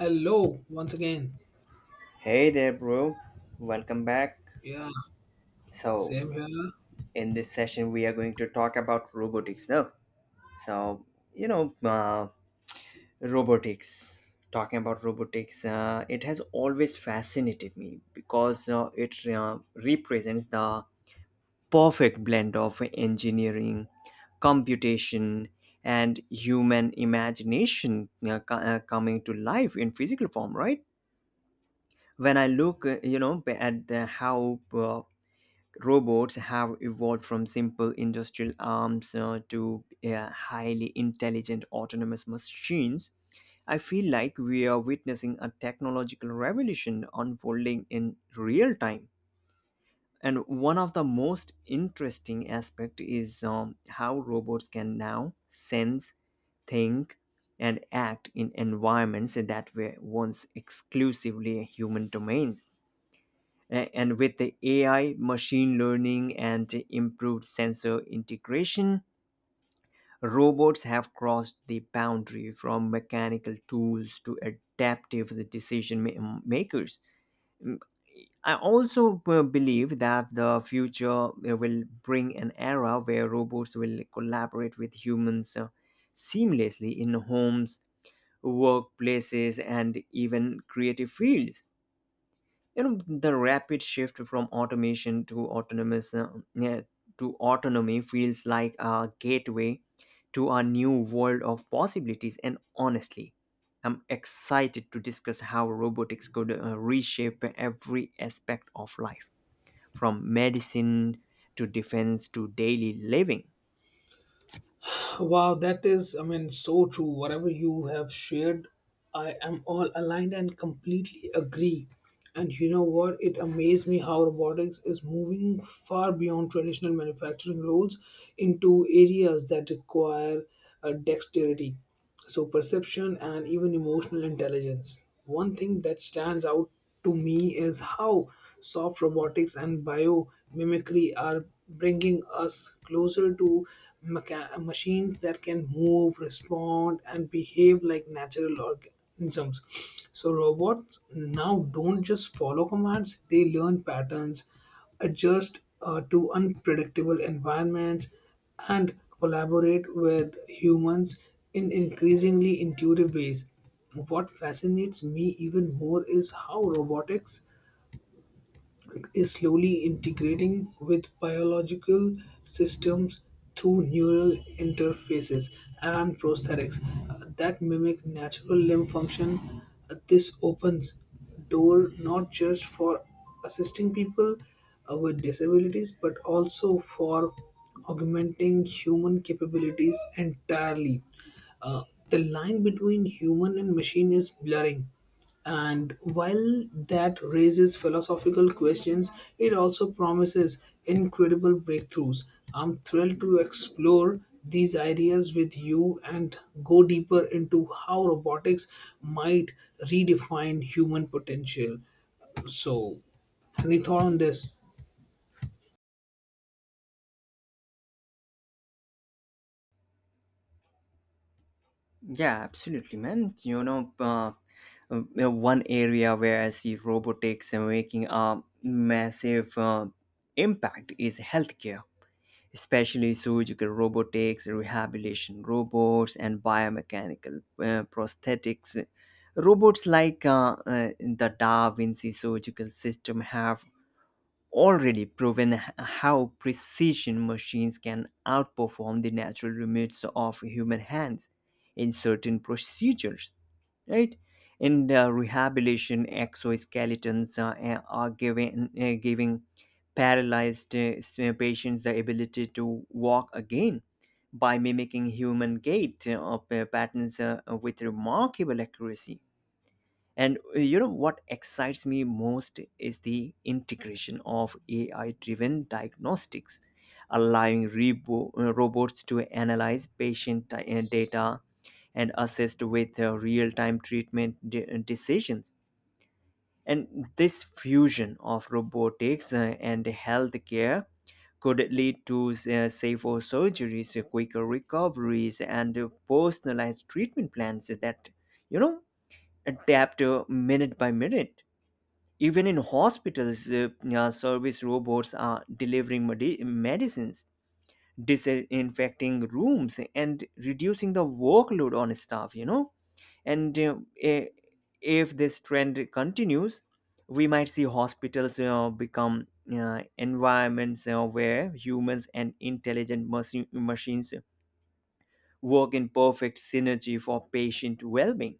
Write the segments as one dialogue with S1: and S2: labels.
S1: Hello, once again.
S2: Hey there, bro. Welcome back.
S1: Yeah,
S2: So,
S1: same here.
S2: in this session, we are going to talk about robotics now. So, you know, uh, Robotics. Talking about robotics, it has always fascinated me because it represents the perfect blend of engineering, computation, and human imagination coming to life in physical form, right? When I look, at how robots have evolved from simple industrial arms to highly intelligent autonomous machines. I feel like we are witnessing a technological revolution unfolding in real time. And one of the most interesting aspect is how robots can now sense, think, and act in environments that were once exclusively human domains. And with the AI, machine learning, and improved sensor integration, robots have crossed the boundary from mechanical tools to adaptive decision makers. Mm, I also believe that the future will bring an era where robots will collaborate with humans seamlessly in homes, workplaces, and even creative fields. The rapid shift from automation to yeah, autonomy feels like a gateway to a new world of possibilities, and honestly, I'm excited to discuss how robotics could reshape every aspect of life, from medicine to defense to daily living.
S1: Wow, that is, I mean, so true. Whatever you have shared, I am all aligned and completely agree. And you know what? It amazed me how robotics is moving far beyond traditional manufacturing roles into areas that require dexterity, so perception and even emotional intelligence. One thing that stands out to me is how soft robotics and biomimicry are bringing us closer to machines that can move, respond, and behave like natural organisms. So robots now don't just follow commands, they learn patterns, adjust to unpredictable environments, and collaborate with humans in increasingly intuitive ways. What fascinates me even more is how robotics is slowly integrating with biological systems through neural interfaces and prosthetics that mimic natural limb function. This opens door not just for assisting people with disabilities, but also for augmenting human capabilities entirely. Uh, the line between human and machine is blurring, and while that raises philosophical questions, it also promises incredible breakthroughs. I'm thrilled to explore these ideas with you and go deeper into how robotics might redefine human potential. So, any thought on this?
S2: Yeah, absolutely, man. One area where I see robotics and making a massive impact is healthcare, especially surgical robotics, rehabilitation robots, and biomechanical prosthetics. Robots like the Da Vinci surgical system have already proven how precision machines can outperform the natural limits of human hands in certain procedures, right? In the rehabilitation, exoskeletons giving paralyzed patients the ability to walk again by mimicking human gait patterns with remarkable accuracy. And you know what excites me most is the integration of AI driven diagnostics, allowing robots to analyze patient data and assist with real time treatment decisions. And this fusion of robotics and healthcare could lead to safer surgeries, quicker recoveries, and personalized treatment plans that, you know, adapt minute by minute. Even in hospitals, service robots are delivering medicines, disinfecting rooms, and reducing the workload on staff, you know. And i- if this trend continues, we might see hospitals become environments where humans and intelligent machines work in perfect synergy for patient well being.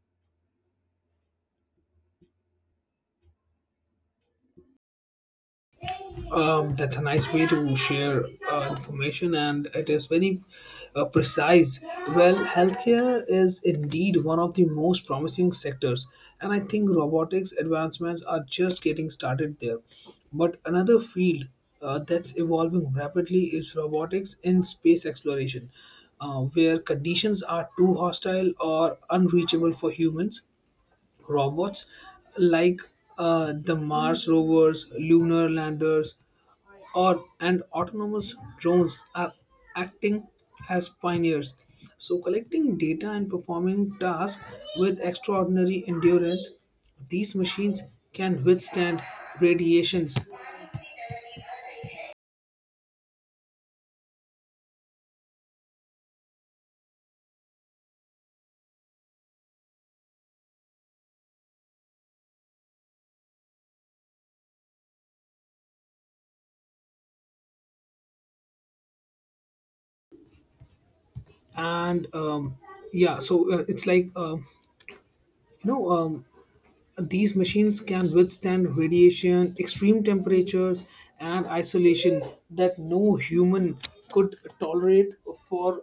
S1: That's a nice way to share information, and it is very precise. Well, healthcare is indeed one of the most promising sectors, and I think robotics advancements are just getting started there. But another field that's evolving rapidly is robotics in space exploration, where conditions are too hostile or unreachable for humans. Robots like the Mars rovers, lunar landers, or and autonomous drones are acting as pioneers. So, collecting data and performing tasks with extraordinary endurance, these machines can withstand radiations and yeah. So it's like you know These machines can withstand radiation, extreme temperatures, and isolation that no human could tolerate for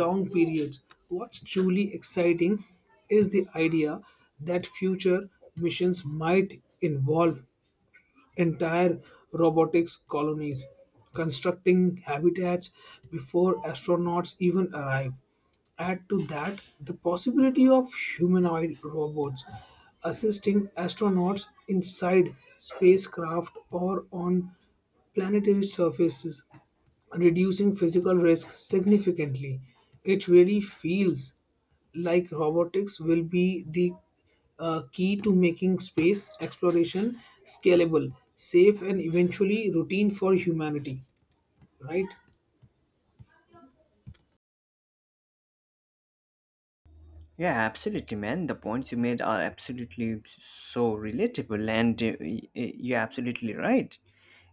S1: long periods. What's truly exciting is the idea that future missions might involve entire robotics colonies, constructing habitats before astronauts even arrive. Add to that the possibility of humanoid robots assisting astronauts inside spacecraft or on planetary surfaces, reducing physical risk significantly. It really feels like robotics will be the key to making space exploration scalable, safe, and eventually routine for humanity, right?
S2: Yeah, absolutely, man. The points you made are absolutely so relatable, and you're absolutely right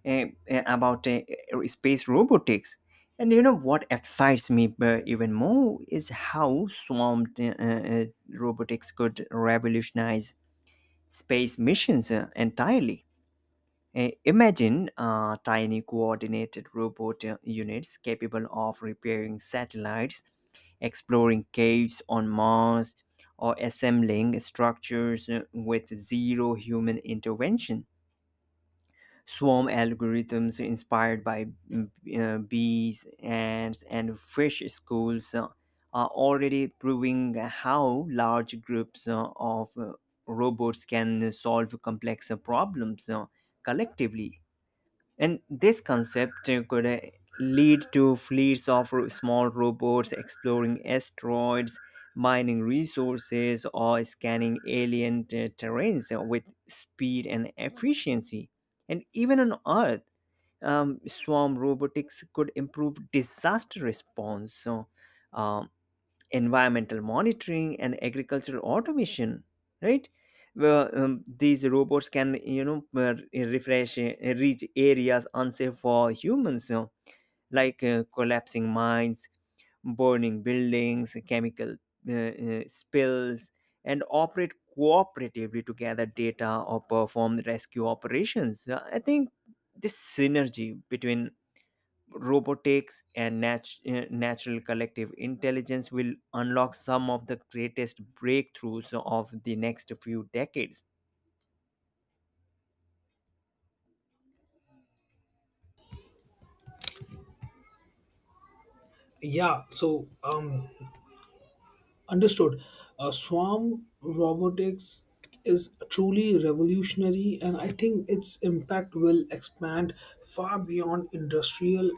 S2: about space robotics. And you know what excites me even more is how swamped robotics could revolutionize space missions entirely. Imagine tiny coordinated robot units capable of repairing satellites, exploring caves on Mars, or assembling structures with zero human intervention. Swarm algorithms inspired by bees, ants, and fish schools are already proving how large groups of robots can solve complex problems collectively. And this concept could lead to fleets of small robots exploring asteroids, mining resources, or scanning alien terrains with speed and efficiency. And even on Earth, swarm robotics could improve disaster response. Um, Environmental monitoring and agricultural automation, right. These robots can, you know, refresh reach areas unsafe for humans, you know, like collapsing mines, burning buildings, chemical spills, and operate cooperatively to gather data or perform rescue operations. I think this synergy between robotics and natural collective intelligence will unlock some of the greatest breakthroughs of the next few decades.
S1: Yeah. So, Understood. Swarm robotics is truly revolutionary, and I think its impact will expand far beyond industrial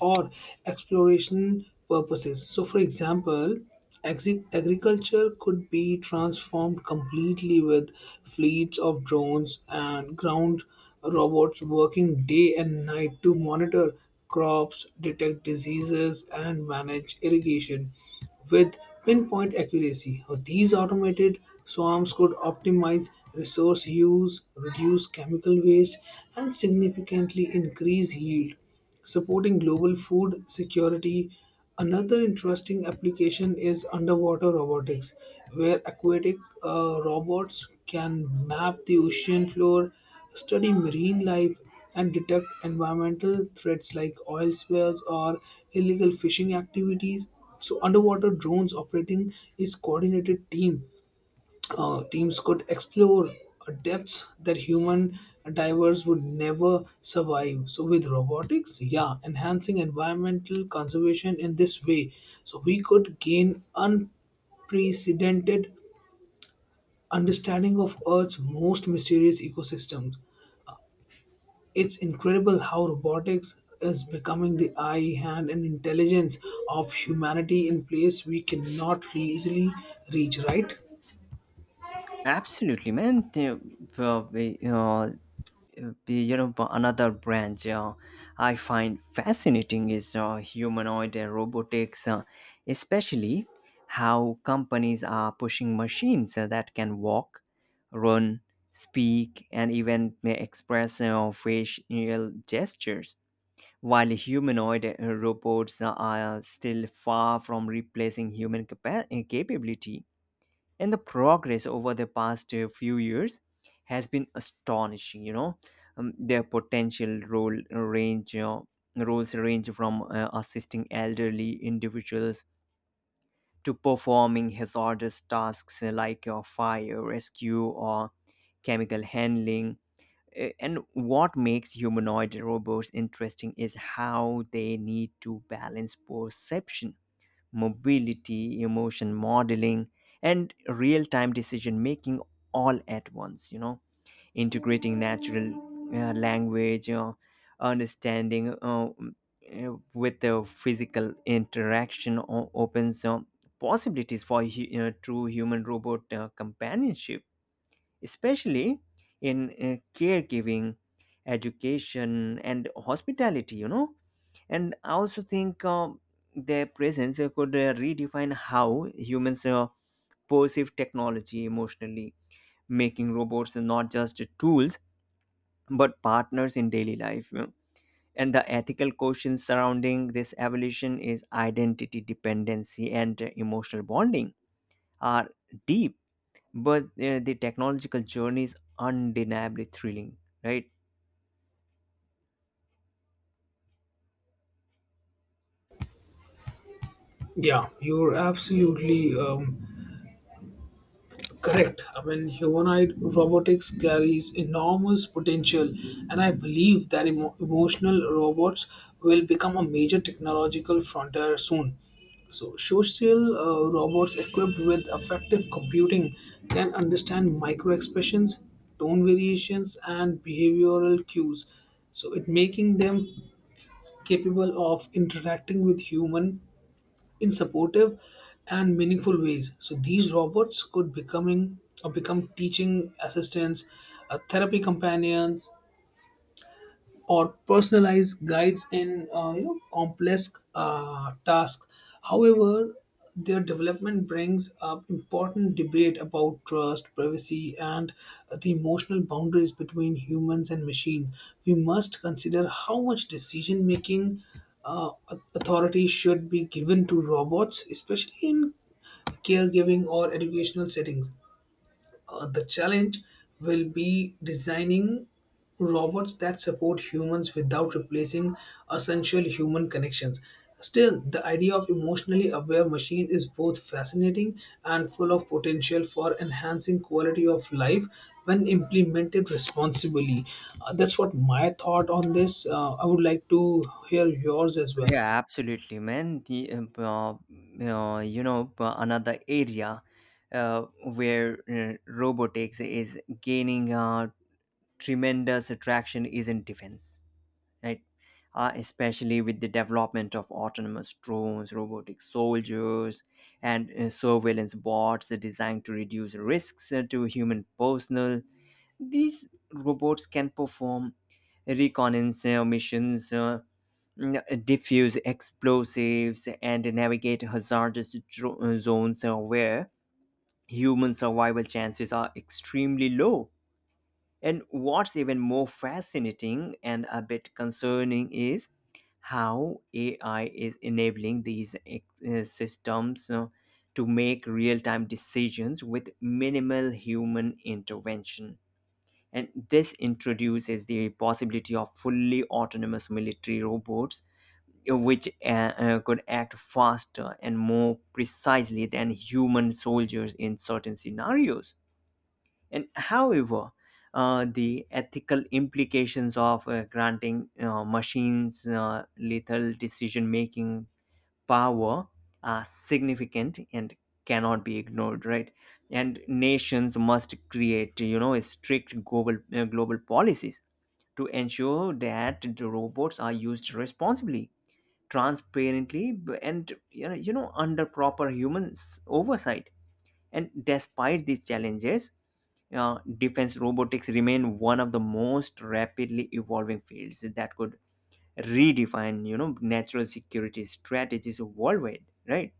S1: or exploration purposes. So, for example, agriculture could be transformed completely with fleets of drones and ground robots working day and night to monitor crops, detect diseases, and manage irrigation. With pinpoint accuracy, these automated swarms could optimize resource use, reduce chemical waste, and significantly increase yield, supporting global food security. Another interesting application is underwater robotics, where aquatic robots can map the ocean floor, study marine life, and detect environmental threats like oil spills or illegal fishing activities. So underwater drones operating is coordinated team. Teams could explore depths that human divers would never survive. So with robotics, yeah, enhancing environmental conservation in this way, so we could gain unprecedented understanding of Earth's most mysterious ecosystems. It's incredible how robotics is becoming the eye, hand, and intelligence of humanity in place we cannot easily reach, right?
S2: Absolutely, man. The- we, the, you know Another branch I find fascinating is humanoid and robotics, especially how companies are pushing machines that can walk, run, speak, and even may express facial gestures. While humanoid robots are still far from replacing human capability, and the progress over the past few years has been astonishing. You know, their potential role range roles range from assisting elderly individuals to performing hazardous tasks like fire rescue or chemical handling. And what makes humanoid robots interesting is how they need to balance perception, mobility, emotion modeling, and real time decision making all at once. You know, integrating natural language understanding with the physical interaction opens possibilities for true human robot companionship, especially in caregiving, education, and hospitality, you know. And I also think their presence could redefine how humans perceive technology emotionally, making robots not just tools but partners in daily life, you know. And the ethical questions surrounding this evolution is identity, dependency, and emotional bonding are deep, but the technological journey is undeniably thrilling, right?
S1: Yeah, you're absolutely correct. I mean, humanoid robotics carries enormous potential, and I believe that emotional robots will become a major technological frontier soon. So, social robots equipped with effective computing can understand micro expressions, tone variations, and behavioral cues. So, it making them capable of interacting with human in supportive and meaningful ways. So these robots could becoming or become teaching assistants, therapy companions, or personalized guides in you know complex tasks. However, their development brings up important debate about trust, privacy, and the emotional boundaries between humans and machines. We must consider how much decision making uh, authority should be given to robots, especially in caregiving or educational settings. The challenge will be designing robots that support humans without replacing essential human connections. Still, the idea of emotionally aware machine is both fascinating and full of potential for enhancing quality of life when implemented responsibly. That's what my thought on this. I would like to hear yours as well.
S2: Yeah, absolutely, man. The, you know Another area uh, where robotics is gaining tremendous attraction is in defense, right? Especially with the development of autonomous drones, robotic soldiers, and surveillance bots designed to reduce risks to human personnel. These robots can perform reconnaissance missions, defuse explosives, and navigate hazardous zones where human survival chances are extremely low. And what's even more fascinating and a bit concerning is how AI is enabling these systems to make real time decisions with minimal human intervention. And this introduces the possibility of fully autonomous military robots, which could act faster and more precisely than human soldiers in certain scenarios. And however, the ethical implications of granting machines lethal decision making power are significant and cannot be ignored, right? And nations must create, you know, strict global policies to ensure that the robots are used responsibly, and you know, under proper human oversight. And despite these challenges, defense robotics remain one of the most rapidly evolving fields that could redefine, you know, natural security strategies worldwide, right?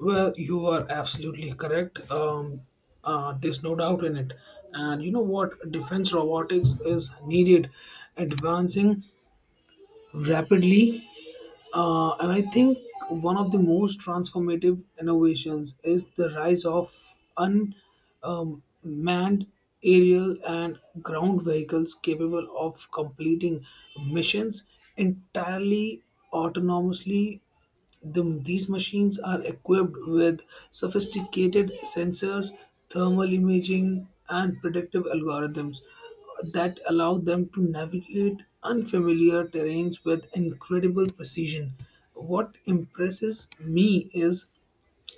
S1: Well, you are absolutely correct. There's no doubt in it. And you know what? Defense robotics is needed, advancing rapidly. And I think one of the most transformative innovations is the rise of unmanned aerial and ground vehicles capable of completing missions entirely autonomously. These machines are equipped with sophisticated sensors, thermal imaging, and predictive algorithms that allow them to navigate unfamiliar terrains with incredible precision. What impresses me is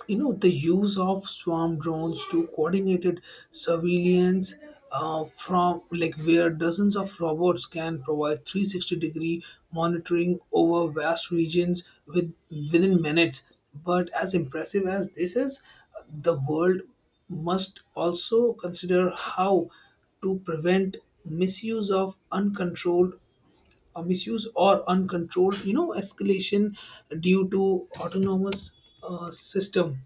S1: you know the use of swarm drones to coordinated surveillance from like where dozens of robots can provide 360 degree monitoring over vast regions with within minutes. But as impressive as this is, the world must also consider how to prevent misuse of uncontrolled or misuse or uncontrolled you know escalation due to autonomous system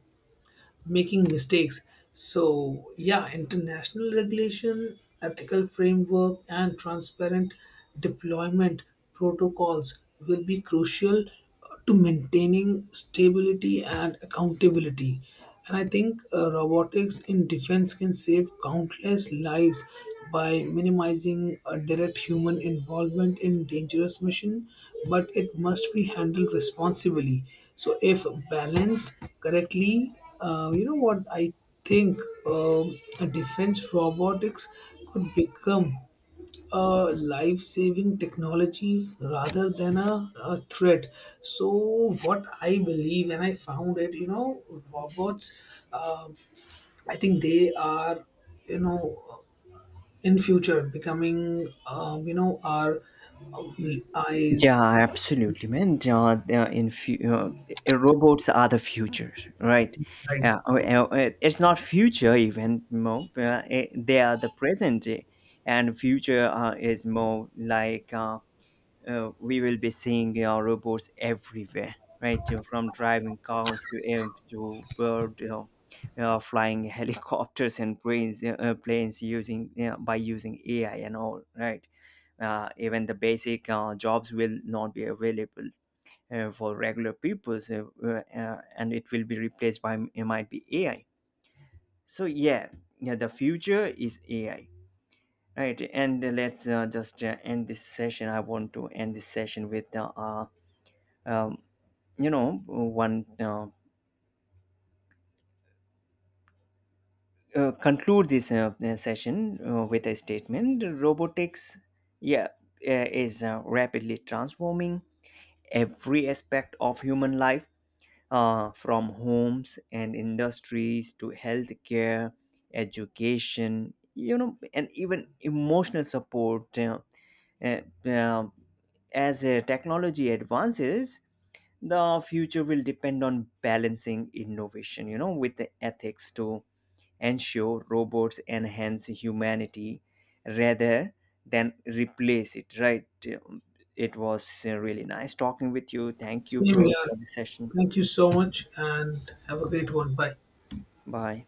S1: making mistakes. So, yeah, international regulation, ethical framework, and transparent deployment protocols will be crucial to maintaining stability and accountability. And I think robotics in defense can save countless lives by minimizing direct human involvement in dangerous mission, but it must be handled responsibly. So, if balanced correctly, you know what? I think a defense robotics could become a life saving technology rather than a threat. So, what I believe, and I found it, you know, robots, um I think they are, you know, in future becoming, you know, our
S2: Yeah,
S1: eyes.
S2: absolutely, man. Robots are the future, right?
S1: Right.
S2: Yeah, it's not future even more. They are the present, and future is more like. We will be seeing robots everywhere, right? From driving cars to air to bird, flying helicopters and planes, planes using by using AI and all, right? Even the basic jobs will not be available for regular people, so, and it will be replaced by it might be AI. So yeah, the future is AI. Right, and let's just end this session. I want to end this session with um, you know, one conclude this session with a statement: robotics, yeah, is rapidly transforming every aspect of human life, from homes and industries to healthcare, education, you know, and even emotional support. Uh, um, as technology advances, the future will depend on balancing innovation, you know, with the ethics to ensure robots enhance humanity rather than replace it, right? It was really nice talking with you. Thank you,
S1: Same
S2: bro,
S1: here.
S2: for the session.
S1: Thank you so much and have a great one. Bye.
S2: Bye.